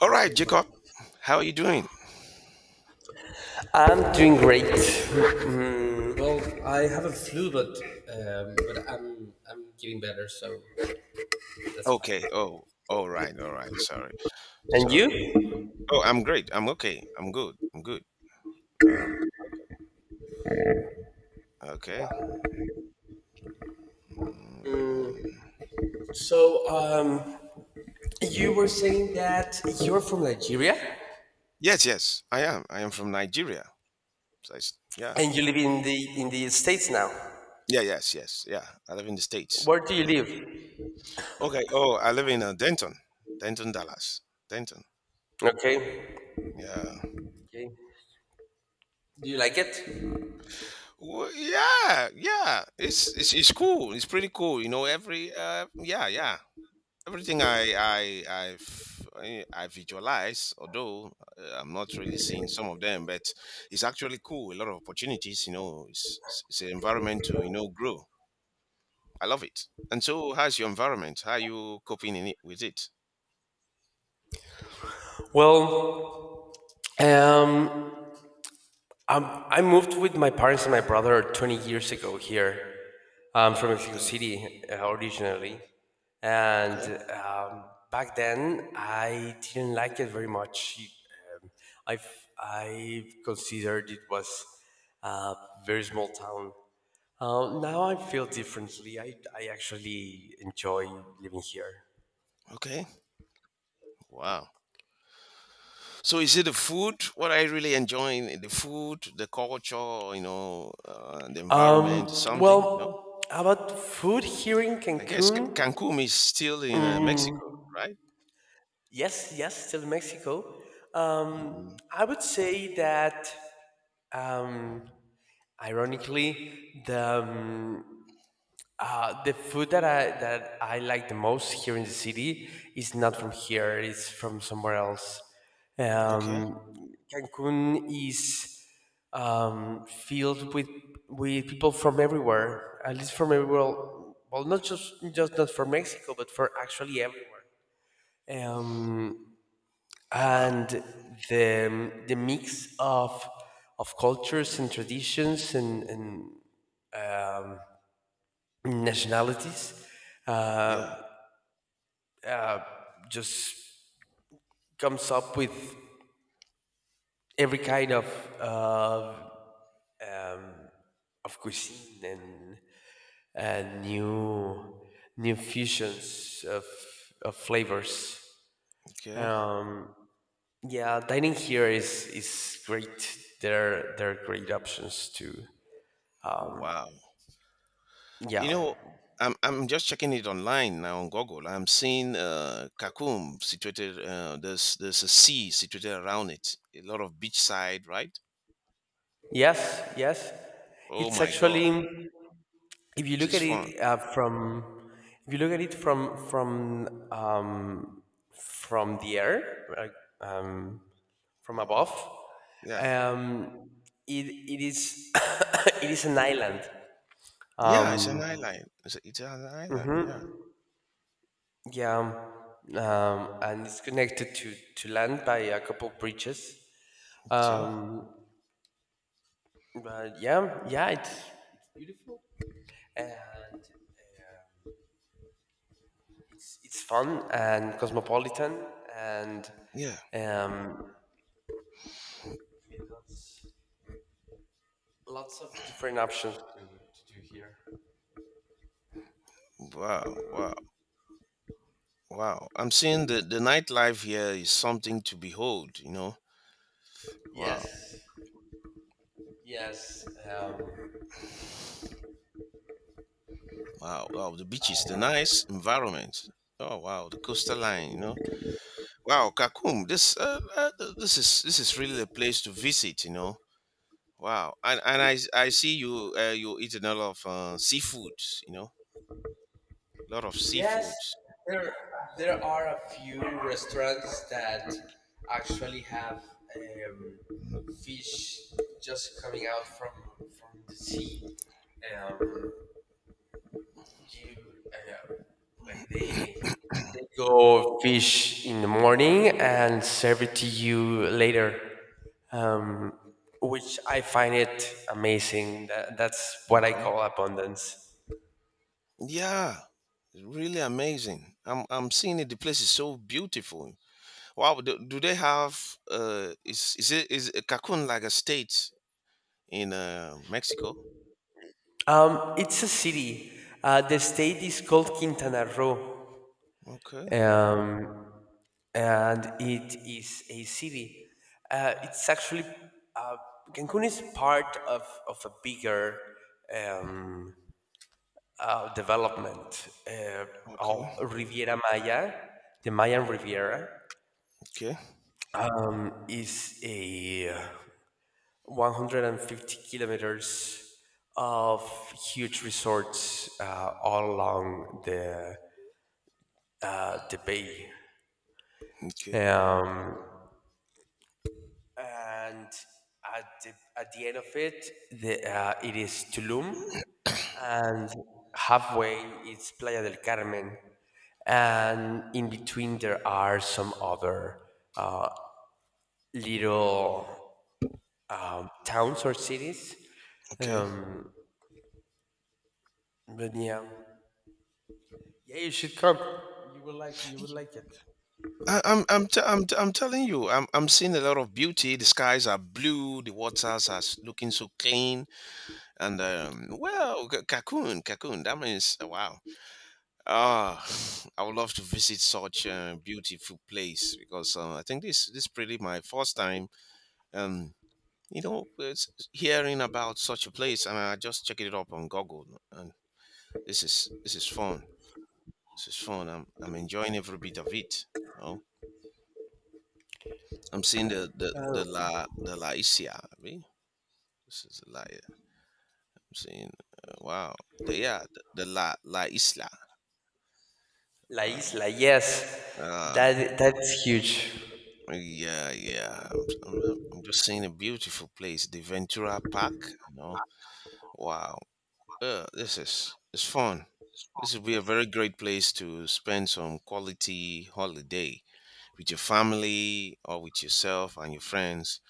All Okay, right, Jacob, well, how are you doing? I'm doing great. Well, I have a flu, but I'm getting better, so that's fine. Okay. Oh, all right, all right. Sorry, And sorry. you? Oh, I'm great. I'm okay. I'm good. I'm good. Oh, okay. Mm, uh, So um, you were saying that you're from Nigeria. Yes, yes, I am. I am from Nigeria. Yeah, And you live in the States now. yeah, yes, yes, yeah. I live in the States. Where do you live? Okay. Oh, I live in Denton, Denton, Dallas, Denton. Okay. Yeah. Okay, do you like it? Well, yeah, yeah. It's cool. It's pretty cool. You know, every yeah, yeah. Everything I visualize, although I'm not really seeing some of them, but it's actually cool. A lot of opportunities, you know. It's an environment to grow. I love it. And so, how's your environment? How are you coping in it with it? Well, um, I moved with my parents and my brother 20 years ago here. I'm from Mexico Oh, City, originally. And okay, um, back then, I didn't like it very much. Um, I considered it was a very small town. Now I feel differently. I actually enjoy living here. okay, wow. So, is it the food? What I really enjoying the food, the culture, you know, the environment, something, you know. Well, about food here in I guess Cancun. Cancun is still in Mexico, Mm, right? yes, yes, still Mexico. Um, Mm, I would say that, um, ironically, the food that I like the most here in the city is not from here. It's from somewhere else. okay, Um, Cancun is filled with people from everywhere, at least from everywhere. Well, not just not from Mexico, but for actually everywhere. Um, wow. and the mix of cultures and traditions, and nationalities, Yeah, uh, just comes up with every kind uh, of cuisine and new fusions of flavors. okay. Um, yeah, dining here is great. There are great options too. Wow. You Yeah. know, I'm just checking it online now on Google. I'm seeing Cancun situated there's a sea situated around it. A lot of beachside, right? Yes. Yes. Oh It's my God. actually, if you This look is at fun. it from if you look at it from the air, like, um, from above, Uh, yeah. um, it, it is it is an island. Yeah, it's an um, island. It's an island. Yeah. yeah. And it's connected to land by a couple bridges. Okay. um, but yeah, yeah, and it's fun and cosmopolitan, and Yeah. um, lots of different options to do here. Wow. Wow. Wow. I'm seeing the nightlife here is something to behold. You know. Wow. Yes, yes, Wow. Wow. The beaches, the nice environment. Oh wow. The coastal line. You know. Wow, Cancun. This is really the place to visit. You know. Wow, I see you you eat a lot of seafood. You know, a lot of yes. seafood. There, there are a few restaurants that actually have, um, fish just coming out from the sea. Um, You, like they go fish in the morning and serve it to you later, um, which I find it amazing. That's what I Okay. call abundance. Yeah, really amazing. I'm seeing it. The place is so beautiful. Wow. Do they have is it is Cancun like a state in Mexico? It's a city. The state is called Quintana Roo, Okay. um, and it is a city. It's actually uh, Cancun is part of a bigger, um, development, of Okay. Riviera Maya, the Mayan Riviera, Okay. is a, 150 kilometers of huge resorts, all along the bay. Okay. Um, and at the end of it, it is Tulum, and halfway it's Playa del Carmen, and in between there are some other, uh, little, towns or cities. Okay. Um, but yeah, yeah, you should come. You will like it. I'm telling you, I'm seeing a lot of beauty. The skies are blue, the waters are s- looking so clean, and well, Cancun, Cancun. That means wow. Ah, I would love to visit such a beautiful place because I think this this pretty my first time. Um, you know, it's hearing about such a place, and I just checked it up on Google, and this is fun. This is fun. I'm enjoying every bit of it. I'm seeing the Laisia. Right? This is La. I'm seeing. Wow. The, yeah. The La La Isla. La Uh, Isla, yes, uh, that's huge. yeah, yeah. I'm just seeing a beautiful place, the Ventura Park. You know. Wow. This is it's fun. This would be a very great place to spend some quality holiday with your family or with yourself and your friends.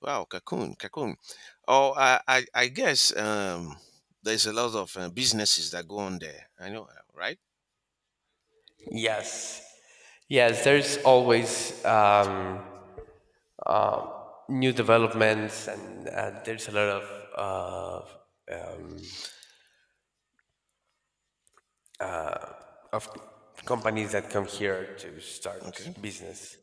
Wow, Cancun, Cancun. Oh, I guess there's a lot of businesses that go on there. I know, right? Yes, yes. Mhm. There's always. Uh, New developments, and there's a lot uh, um, of companies that come here to start Okay, business.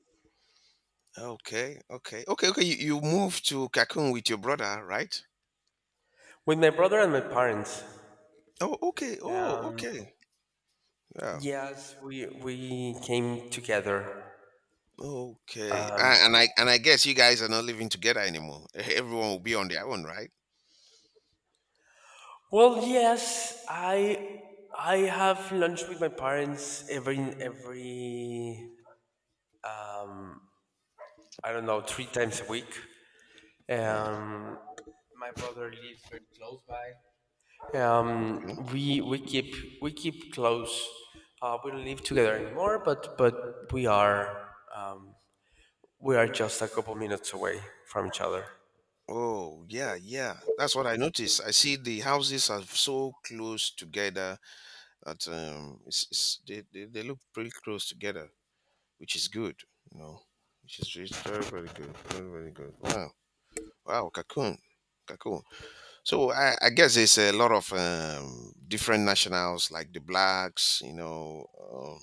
okay, okay, okay, okay. You moved to Cancun with your brother, right? With my brother and my parents. Oh, okay. Oh, um, okay. Yeah. yes, we came together. Okay. Um, And I guess you guys are not living together anymore. Everyone will be on their own, right? well, yes, I have lunch with my parents every, I don't know, three times a week. Mm, Um, my brother lives very close by. Um, okay. we keep close. We don't live together anymore, but um, we are just a couple minutes away from each other. Oh, yeah, yeah. That's what I noticed. I see the houses are so close together. That it's, they look pretty close together, which is good, you know, which is really very, very good. Very, very good. Wow. Wow. Cocoon. Cocoon. So I guess there's a lot of different nationals like the blacks, you know,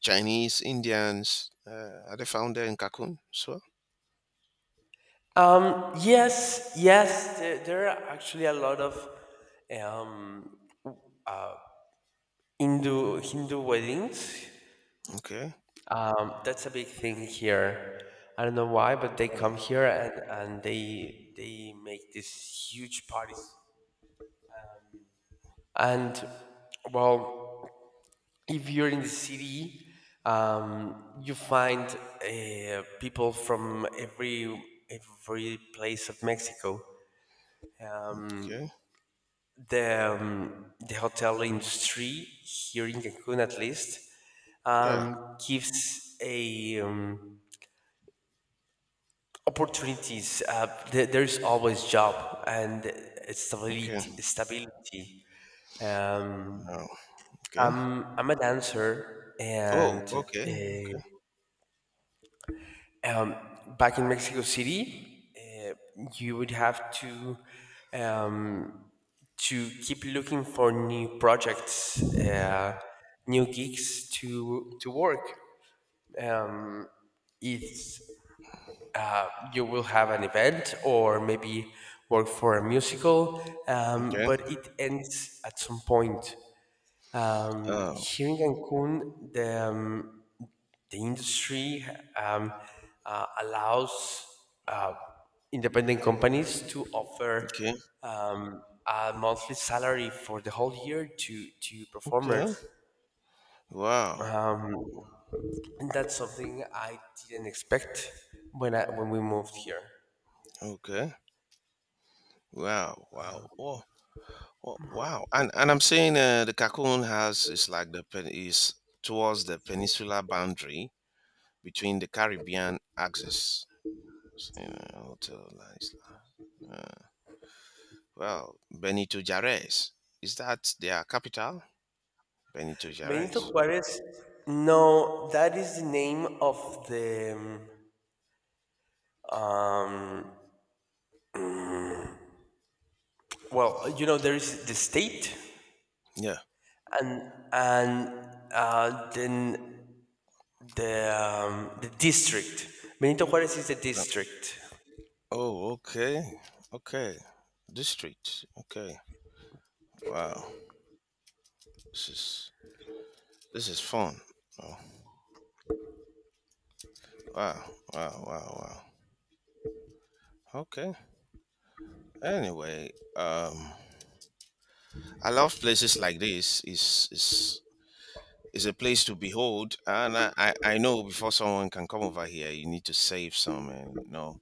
Chinese, Indians. Are they found there in Cocoon as well? Yes, yes, there are actually a lot of, um, Hindu weddings. Okay. That's a big thing here. I don't know why, but they Yeah, come here and they make these huge parties. And, well, if you're in the city, you find, people from every place of Mexico. okay. The hotel industry here in Cancun, at least, Yeah. Gives a opportunities. There's always job and Okay. stability. Stability. Um, Wow. Okay. I'm a dancer, Oh. and. Okay. Okay. um, back in Mexico City, you would have um, to keep looking for new projects, new gigs to work. Um, if you will have an event, or maybe work for a musical, Okay. but it ends at some point. Oh. Here in Cancun, the industry, um, allows, uh, independent companies to offer, Okay. A monthly salary for the whole year to performers. Okay. Wow. Um, and that's something I didn't expect when we moved here. Okay. Wow, wow, oh, oh, wow, and I'm saying the Cancun has is like the pen is towards the peninsular boundary between the Caribbean axis. So, you know, hotel lines. Uh, well, Benito Juarez is that their capital? Benito Benito Juarez. Juarez. No, that is the name of the. Um, well, you know, there is the state, Yeah. and then the district. Benito Juarez is the Yeah. district. Oh, okay, okay. District. Okay. Wow. This is this is fun. Oh, wow, wow, wow, wow. Okay. Anyway, I love places like this. Is a place to behold, and I know before someone can come over here, you need to save some, you know,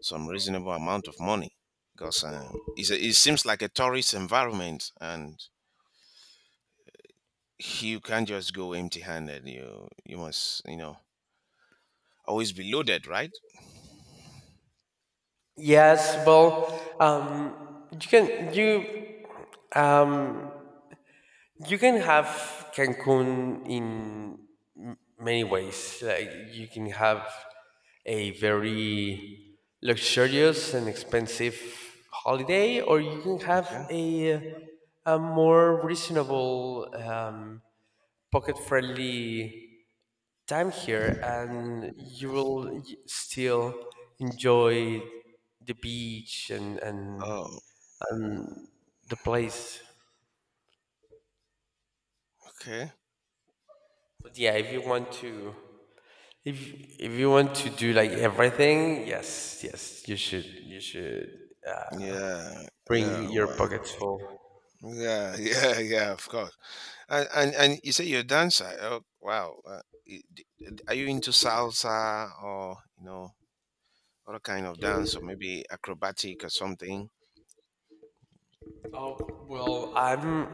some reasonable amount of money because it's a, it seems like a tourist environment, and you can't just go empty-handed. You must you know always be loaded, right? Yes, well, um, you can have Cancun in many ways. Like you can have a very luxurious and expensive holiday, or you can have Okay. a more reasonable, pocket-friendly time here, and you will still enjoy the beach and Oh, the place. okay. But yeah, if you want to if if you want to do like everything, yes, yes, you should Yeah, bring yeah. your Well, pockets full. yeah, yeah, yeah. Of course. And you say you're a dancer. Oh, wow. I- d- are you into salsa or you know other kind of dance or maybe acrobatic or something? Oh, well, I'm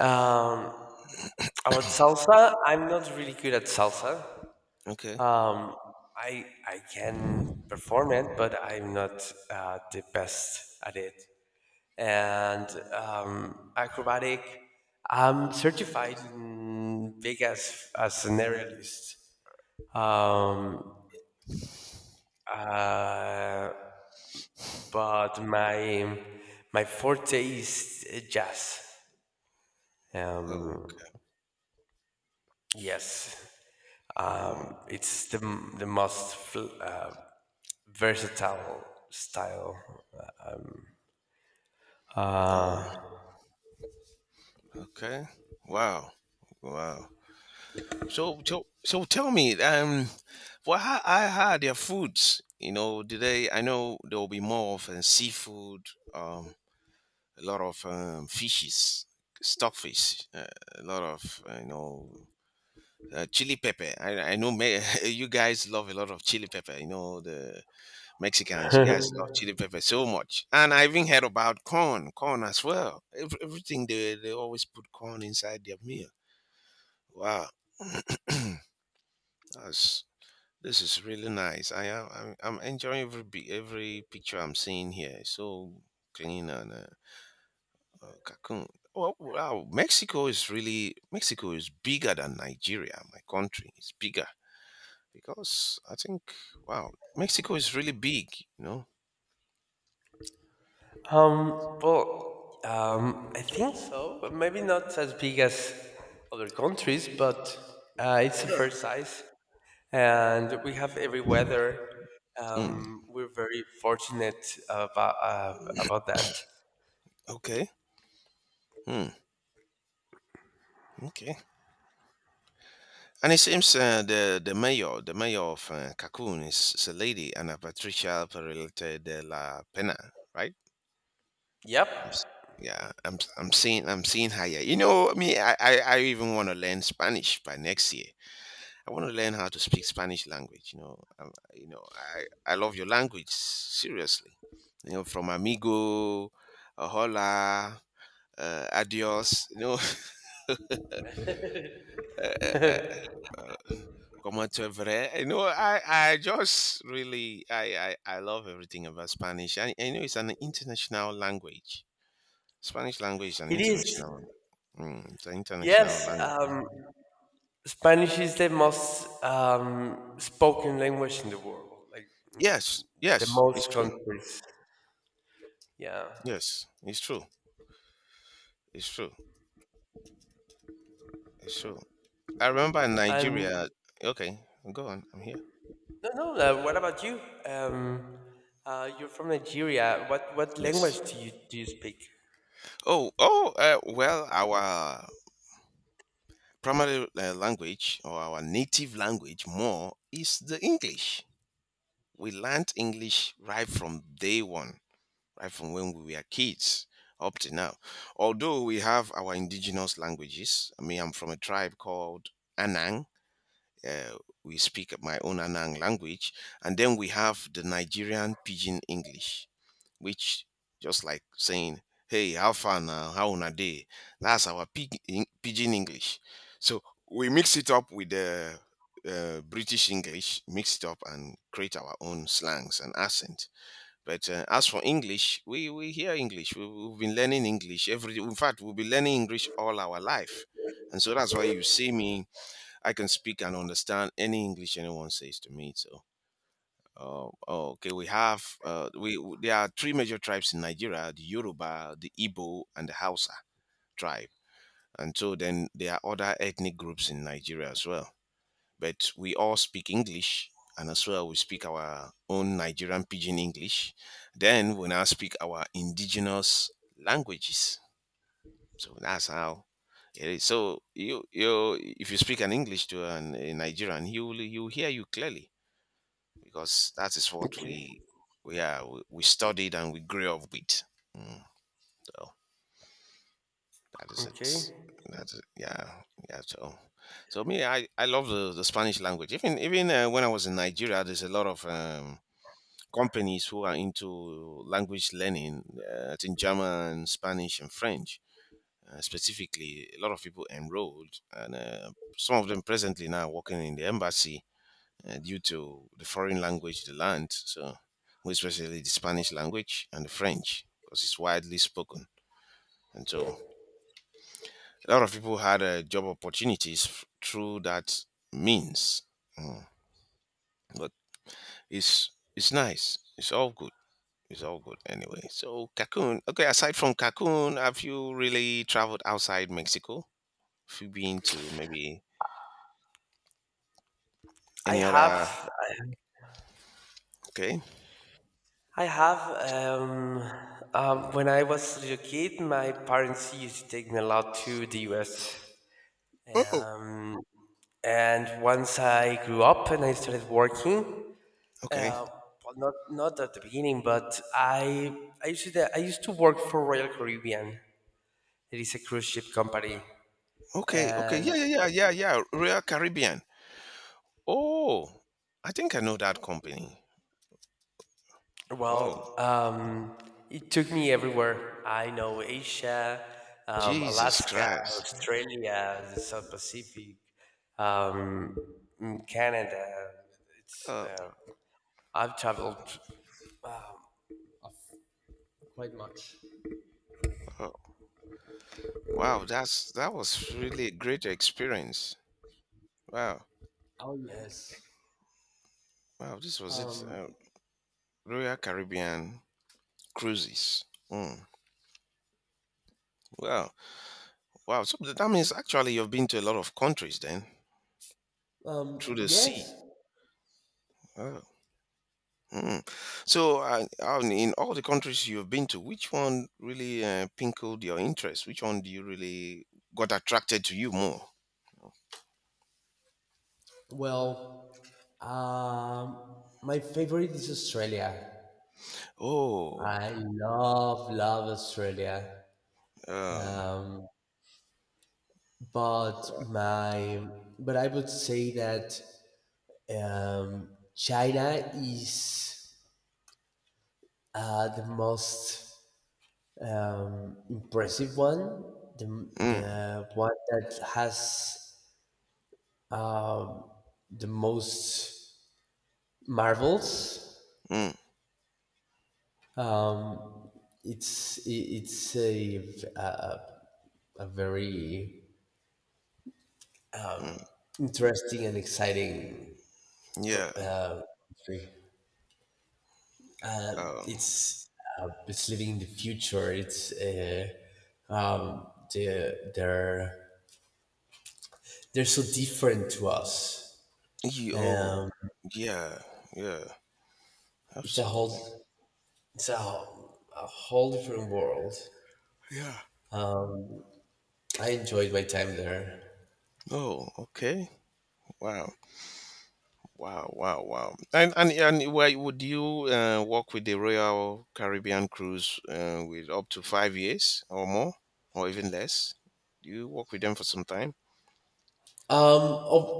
um about salsa. I'm not really good at salsa. Okay. Um, I can perform it, but I'm not, the best at it. And acrobatic. I'm certified in big as an aerialist. Um, uh, but my forte is jazz. Oh. Um, yes, Mm. it's the most, versatile style. Oh. Uh, Okay. Wow. Wow. So tell me. What how I had their foods. You know, do they? I know there will be more of seafood. Um. A lot of fishes, stockfish. A lot of chili pepper. I know me- you guys love a lot of chili pepper. You know the Mexicans. You guys love chili pepper so much. And I even heard about corn, corn as well. Everything they always put corn inside their meal. Wow, that's this is really nice. I'm enjoying every picture I'm seeing here. It's so clean and cocoon. Oh, wow, Mexico is bigger than Nigeria. My country is bigger because I think wow, Mexico is really big, you know. Well, I think so, but maybe not as big as other countries, but, it's a Yeah. fair size, and we have every weather. We're very fortunate about uh, Mm. about that. Okay. Hmm. Okay. And it seems the mayor of Cancun is a lady, Ana Patricia Peralta de la Pena, right? Yep, I'm s- yeah, I'm seeing her. Yeah. You know, me, I even want to learn Spanish by next year. I want to learn how to speak Spanish language. You know, I love your language seriously. You know, from amigo, hola, adios, you know, uh, uh, uh, como te veré. You know, I just really, I love everything about Spanish. And I know it's an international language. Spanish language is an it is. international one. Mm, it's an international Yes, language. Spanish is the most, spoken language in the world, like Yes, the yes, most it's true. countries. Yeah, Yes, it's true. It's true. It's true. I remember in Nigeria. and Okay, go on. I'm here. no, no. What about you? Um, you're from Nigeria. What Yes. language do you speak? Oh, oh. Well, our primary language or our native language more is the English. We learned English right from day one, right from when we were kids up to now. Although we have our indigenous languages, I mean, I'm from a tribe called Anang. Uh, we speak my own Anang language, and then we have the Nigerian Pidgin English which just like saying, "Hey, how far now? How on a day?" That's our pidgin English. So we mix it up with the British English, mix it up and create our own slangs and accent. But as for English, we hear English. We've been learning English every. In fact, we'll be learning English all our life, and so that's why you see me. I can speak and understand any English anyone says to me. So oh, oh, okay. We have there are three major tribes in Nigeria: the Yoruba, the Igbo, and the Hausa tribe. And so then there are other ethnic groups in Nigeria as well. But we all speak English, and as well we speak our own Nigerian pidgin English. Then we now speak our indigenous languages. So that's how it is. So you if you speak an English to an, a Nigerian, he will hear you clearly because that is what Okay. We studied and we grew up with. Mm, so that is Okay. it. That's it. Yeah, yeah. So, so me, I love the Spanish language. Even when I was in Nigeria, there's a lot of companies who are into language learning. I think German, Spanish, and French. Specifically, a lot of people enrolled, and some of them presently now working in the embassy due to the foreign language they learned. So, more especially the Spanish language and the French, because it's widely spoken. And so, a lot of people had job opportunities through that means. Mm. But it's nice. It's all good. It's all good anyway. So, Cancun. Okay, aside from Cancun, have you really traveled outside Mexico? Have you been to maybe I any other? have Okay. I have um, when I was a little kid, my parents used to take me a lot to the U.S. Oh. Um, and once I grew up and I started working, Okay. uh, well, not at the beginning, but I used to work for Royal Caribbean. It is a cruise ship company. Okay. Okay. And, Yeah. Yeah. Yeah. Yeah. Yeah. Real Caribbean. Oh, I think I know that company. Oh, well, it took me everywhere. I know Asia, Jesus Alaska, Christ. Australia, the South Pacific, um, Canada. It's Oh, I've traveled quite much. oh, wow, that was really a great experience. Wow, Oh, yes. wow, this was it. Um, Royal Caribbean Cruises. Mm, wow, wow. So that means actually you've been to a lot of countries then through the yes. sea. Oh. Mm. So, in all the countries you've been to, which one really pinkled your interest? Which one do you really got attracted to you more? Well, my favorite is Australia. Oh, I love, love Australia. uh, Um, but my but I would say that, um, China is, the most, impressive one, the mm, the one that has, um, the most marvels. mm, Um, it's a a very mm, interesting and exciting, co- yeah. uh, country. Um, it's it's living in the future. It's um, they they're they're so different to us. Oh, Um, yeah, yeah, it's a absolutely. whole it's a whole different world. Yeah. I enjoyed my time there. Oh, okay. Wow, wow, wow, wow. And why would you work with the Royal Caribbean Cruise with up to 5 years or more, or even less? Do you work with them for some time.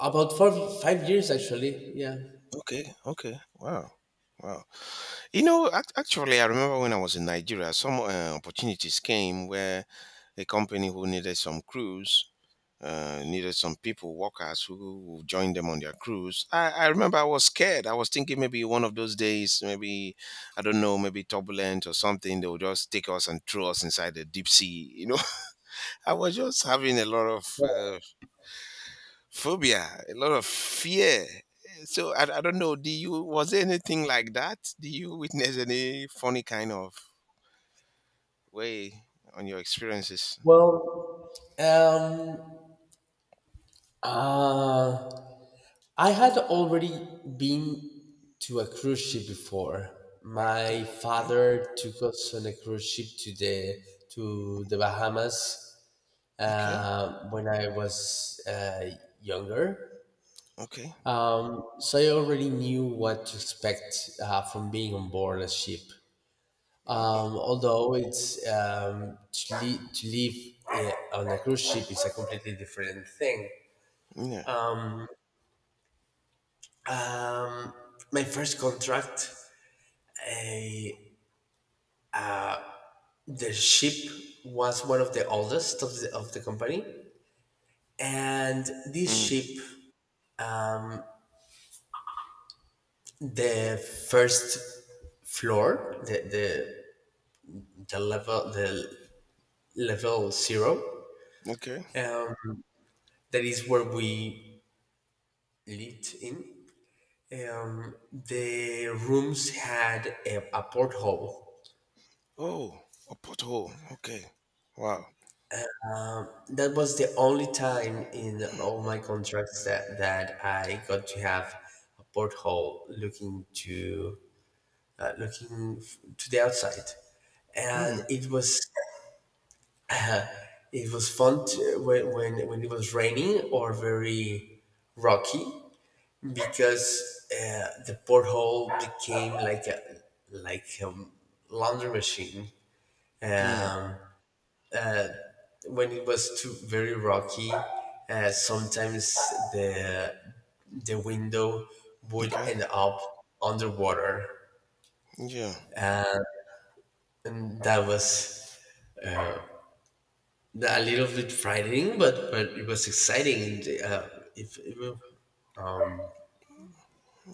About 4 5 years, actually. Yeah. Okay, okay. Wow. Wow. You know, actually, I remember when I was in Nigeria, some opportunities came where a company who needed some crews, needed some people, workers who would join them on their cruise. I remember I was scared. I was thinking maybe one of those days, maybe, I don't know, maybe turbulent or something, they would just take us and throw us inside the deep sea. You know, I was just having a lot of phobia, a lot of fear. So I don't know. Do you was there anything like that? Do you witness any funny kind of way on your experiences? Well, um, uh, I had already been to a cruise ship before. My Oh, okay, father took us on a cruise ship to the Bahamas, okay, when I was, younger. okay. So I already knew what to expect, from being on board a ship. Oh, Although, it's to live, on a cruise ship is a completely different thing. yeah. Um, my first contract, uh, the ship was one of the oldest of the company. And this Mm. ship, um, the first floor, the level zero, Okay. um, that is where we lived in. The rooms had a porthole. Oh, a pothole. Okay. Wow. That was the only time in all my contracts that I got to have a porthole looking to the outside, and Hmm. it was fun to, when it was raining or very rocky, because, the porthole became like a laundry machine. Hmm. Um, when it was too very rocky, sometimes the the window would Okay. end up underwater, Yeah. and that was a little bit frightening, but it was exciting. And, if, if-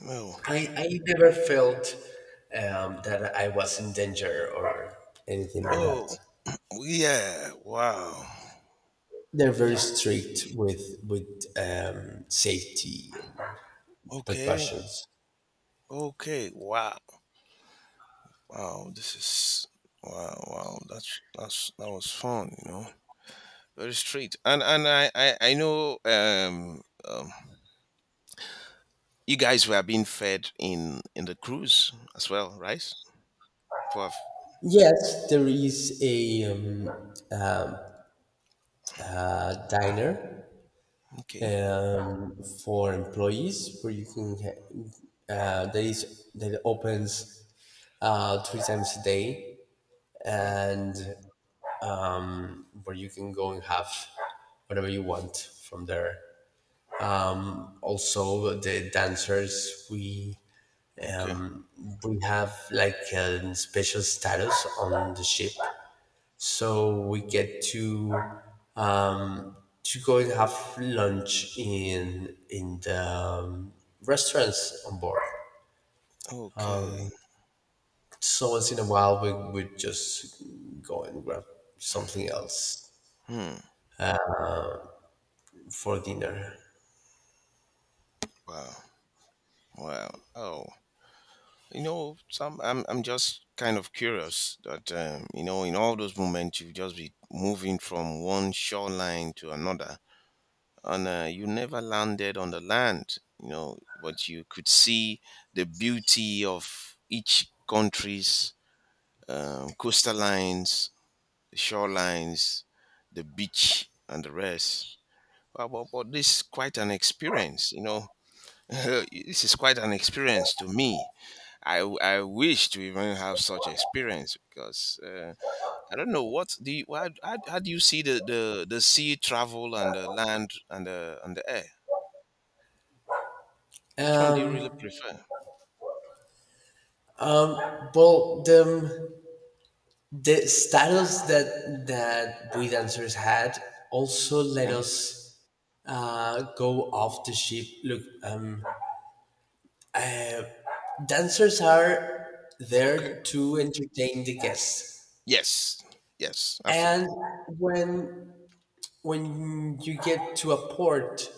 Oh. I never felt, that I was in danger or anything like Oh. that. Yeah. Wow. They're very strict with, safety Okay. precautions. Okay. Wow. Wow. This is wow. Wow. That's that was fun. You know, very straight. And I know um you guys were being fed in the cruise as well, right? For Yes, there is a diner, okay. For employees, where you can ha- that is that opens, three times a day, Okay. and, where you can go and have whatever you want from there. Also, the dancers, Okay. um, we have like a special status on the ship, so we get um, to go and have lunch in the, restaurants on board. Okay. So once in a while, we would just go and grab something else Hmm. for dinner. Wow. Wow. Oh, you know, some I'm just kind of curious that you know, in all those moments you just be moving from one shoreline to another, and you never landed on the land. You know, but you could see the beauty of each country's coastal lines, shorelines, the beach, and the rest. Wow, but this is quite an experience. You know, this is quite an experience to me I wish to even have such experience because I don't know what do you, how do you see the sea travel and the land and the air? Which one do you really Um, prefer? Well, the status that we dancers had also let Okay, us, go off the ship. Look, dancers are okay. there to entertain the guests, Yes. Yes. and Absolutely. when when you get to a port,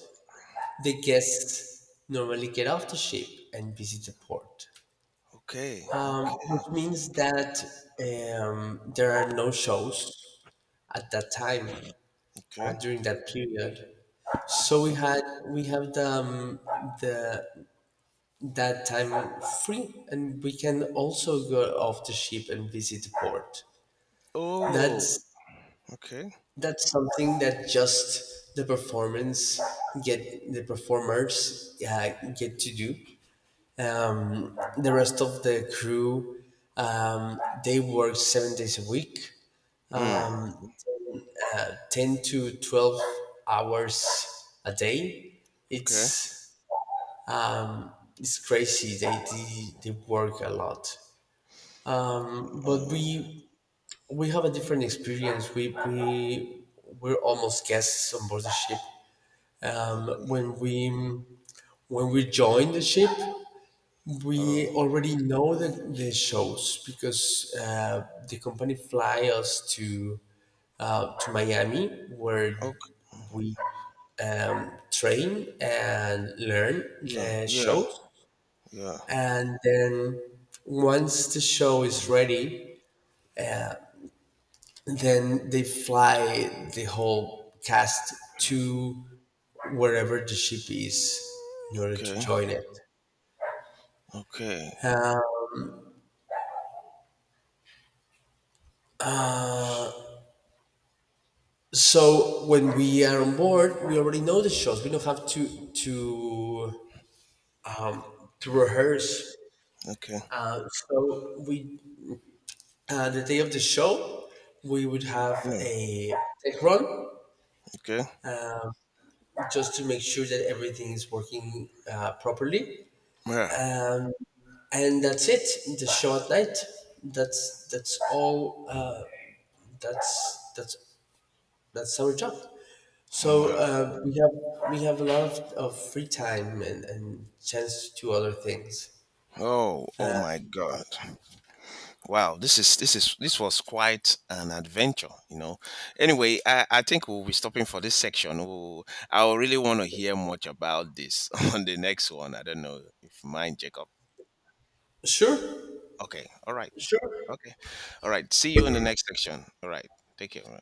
the guests normally get off the ship and visit the port, Okay. Okay. which means that, there are no shows at that time, Okay. during that period. So we Okay. had we have the that time free, and we can also go off the ship and visit the port. That's Oh. Okay. that's something that just the performers get to do. The rest of the crew, they work 7 days a week, Mm. 10 to 12 hours a day. Okay. It's um, it's crazy. They work a lot, but Oh. we have a different experience. We we're almost guests on board the ship. Okay. When we join the ship, we Oh. already know the shows, because, the company fly us to to Miami, where Okay. we, train and learn Yeah. the Yeah. shows. Yeah. And then, once the show is ready, then they fly the whole cast to wherever the ship is in order to Okay. join it. Okay. So when we are on board, we already know the shows. We don't have to to rehearse. Okay. So we, the day of the show, we would have Mm. a tech run, Okay. just to make sure that everything is working, properly. Yeah. Um, and that's it. The short night, that's all. That's that's that's our job. So, Wow. We have a lot of free time, and, chance to do other things. Oh, oh my God. Wow, this is this is this was quite an adventure, you know. Anyway, I think we'll be stopping for this section. We'll, I really want to hear much about this on the next one. I don't know if you mind, Jacob. Sure. Okay, all right. Sure. Okay. All right. See you in the next section. All right. Take care.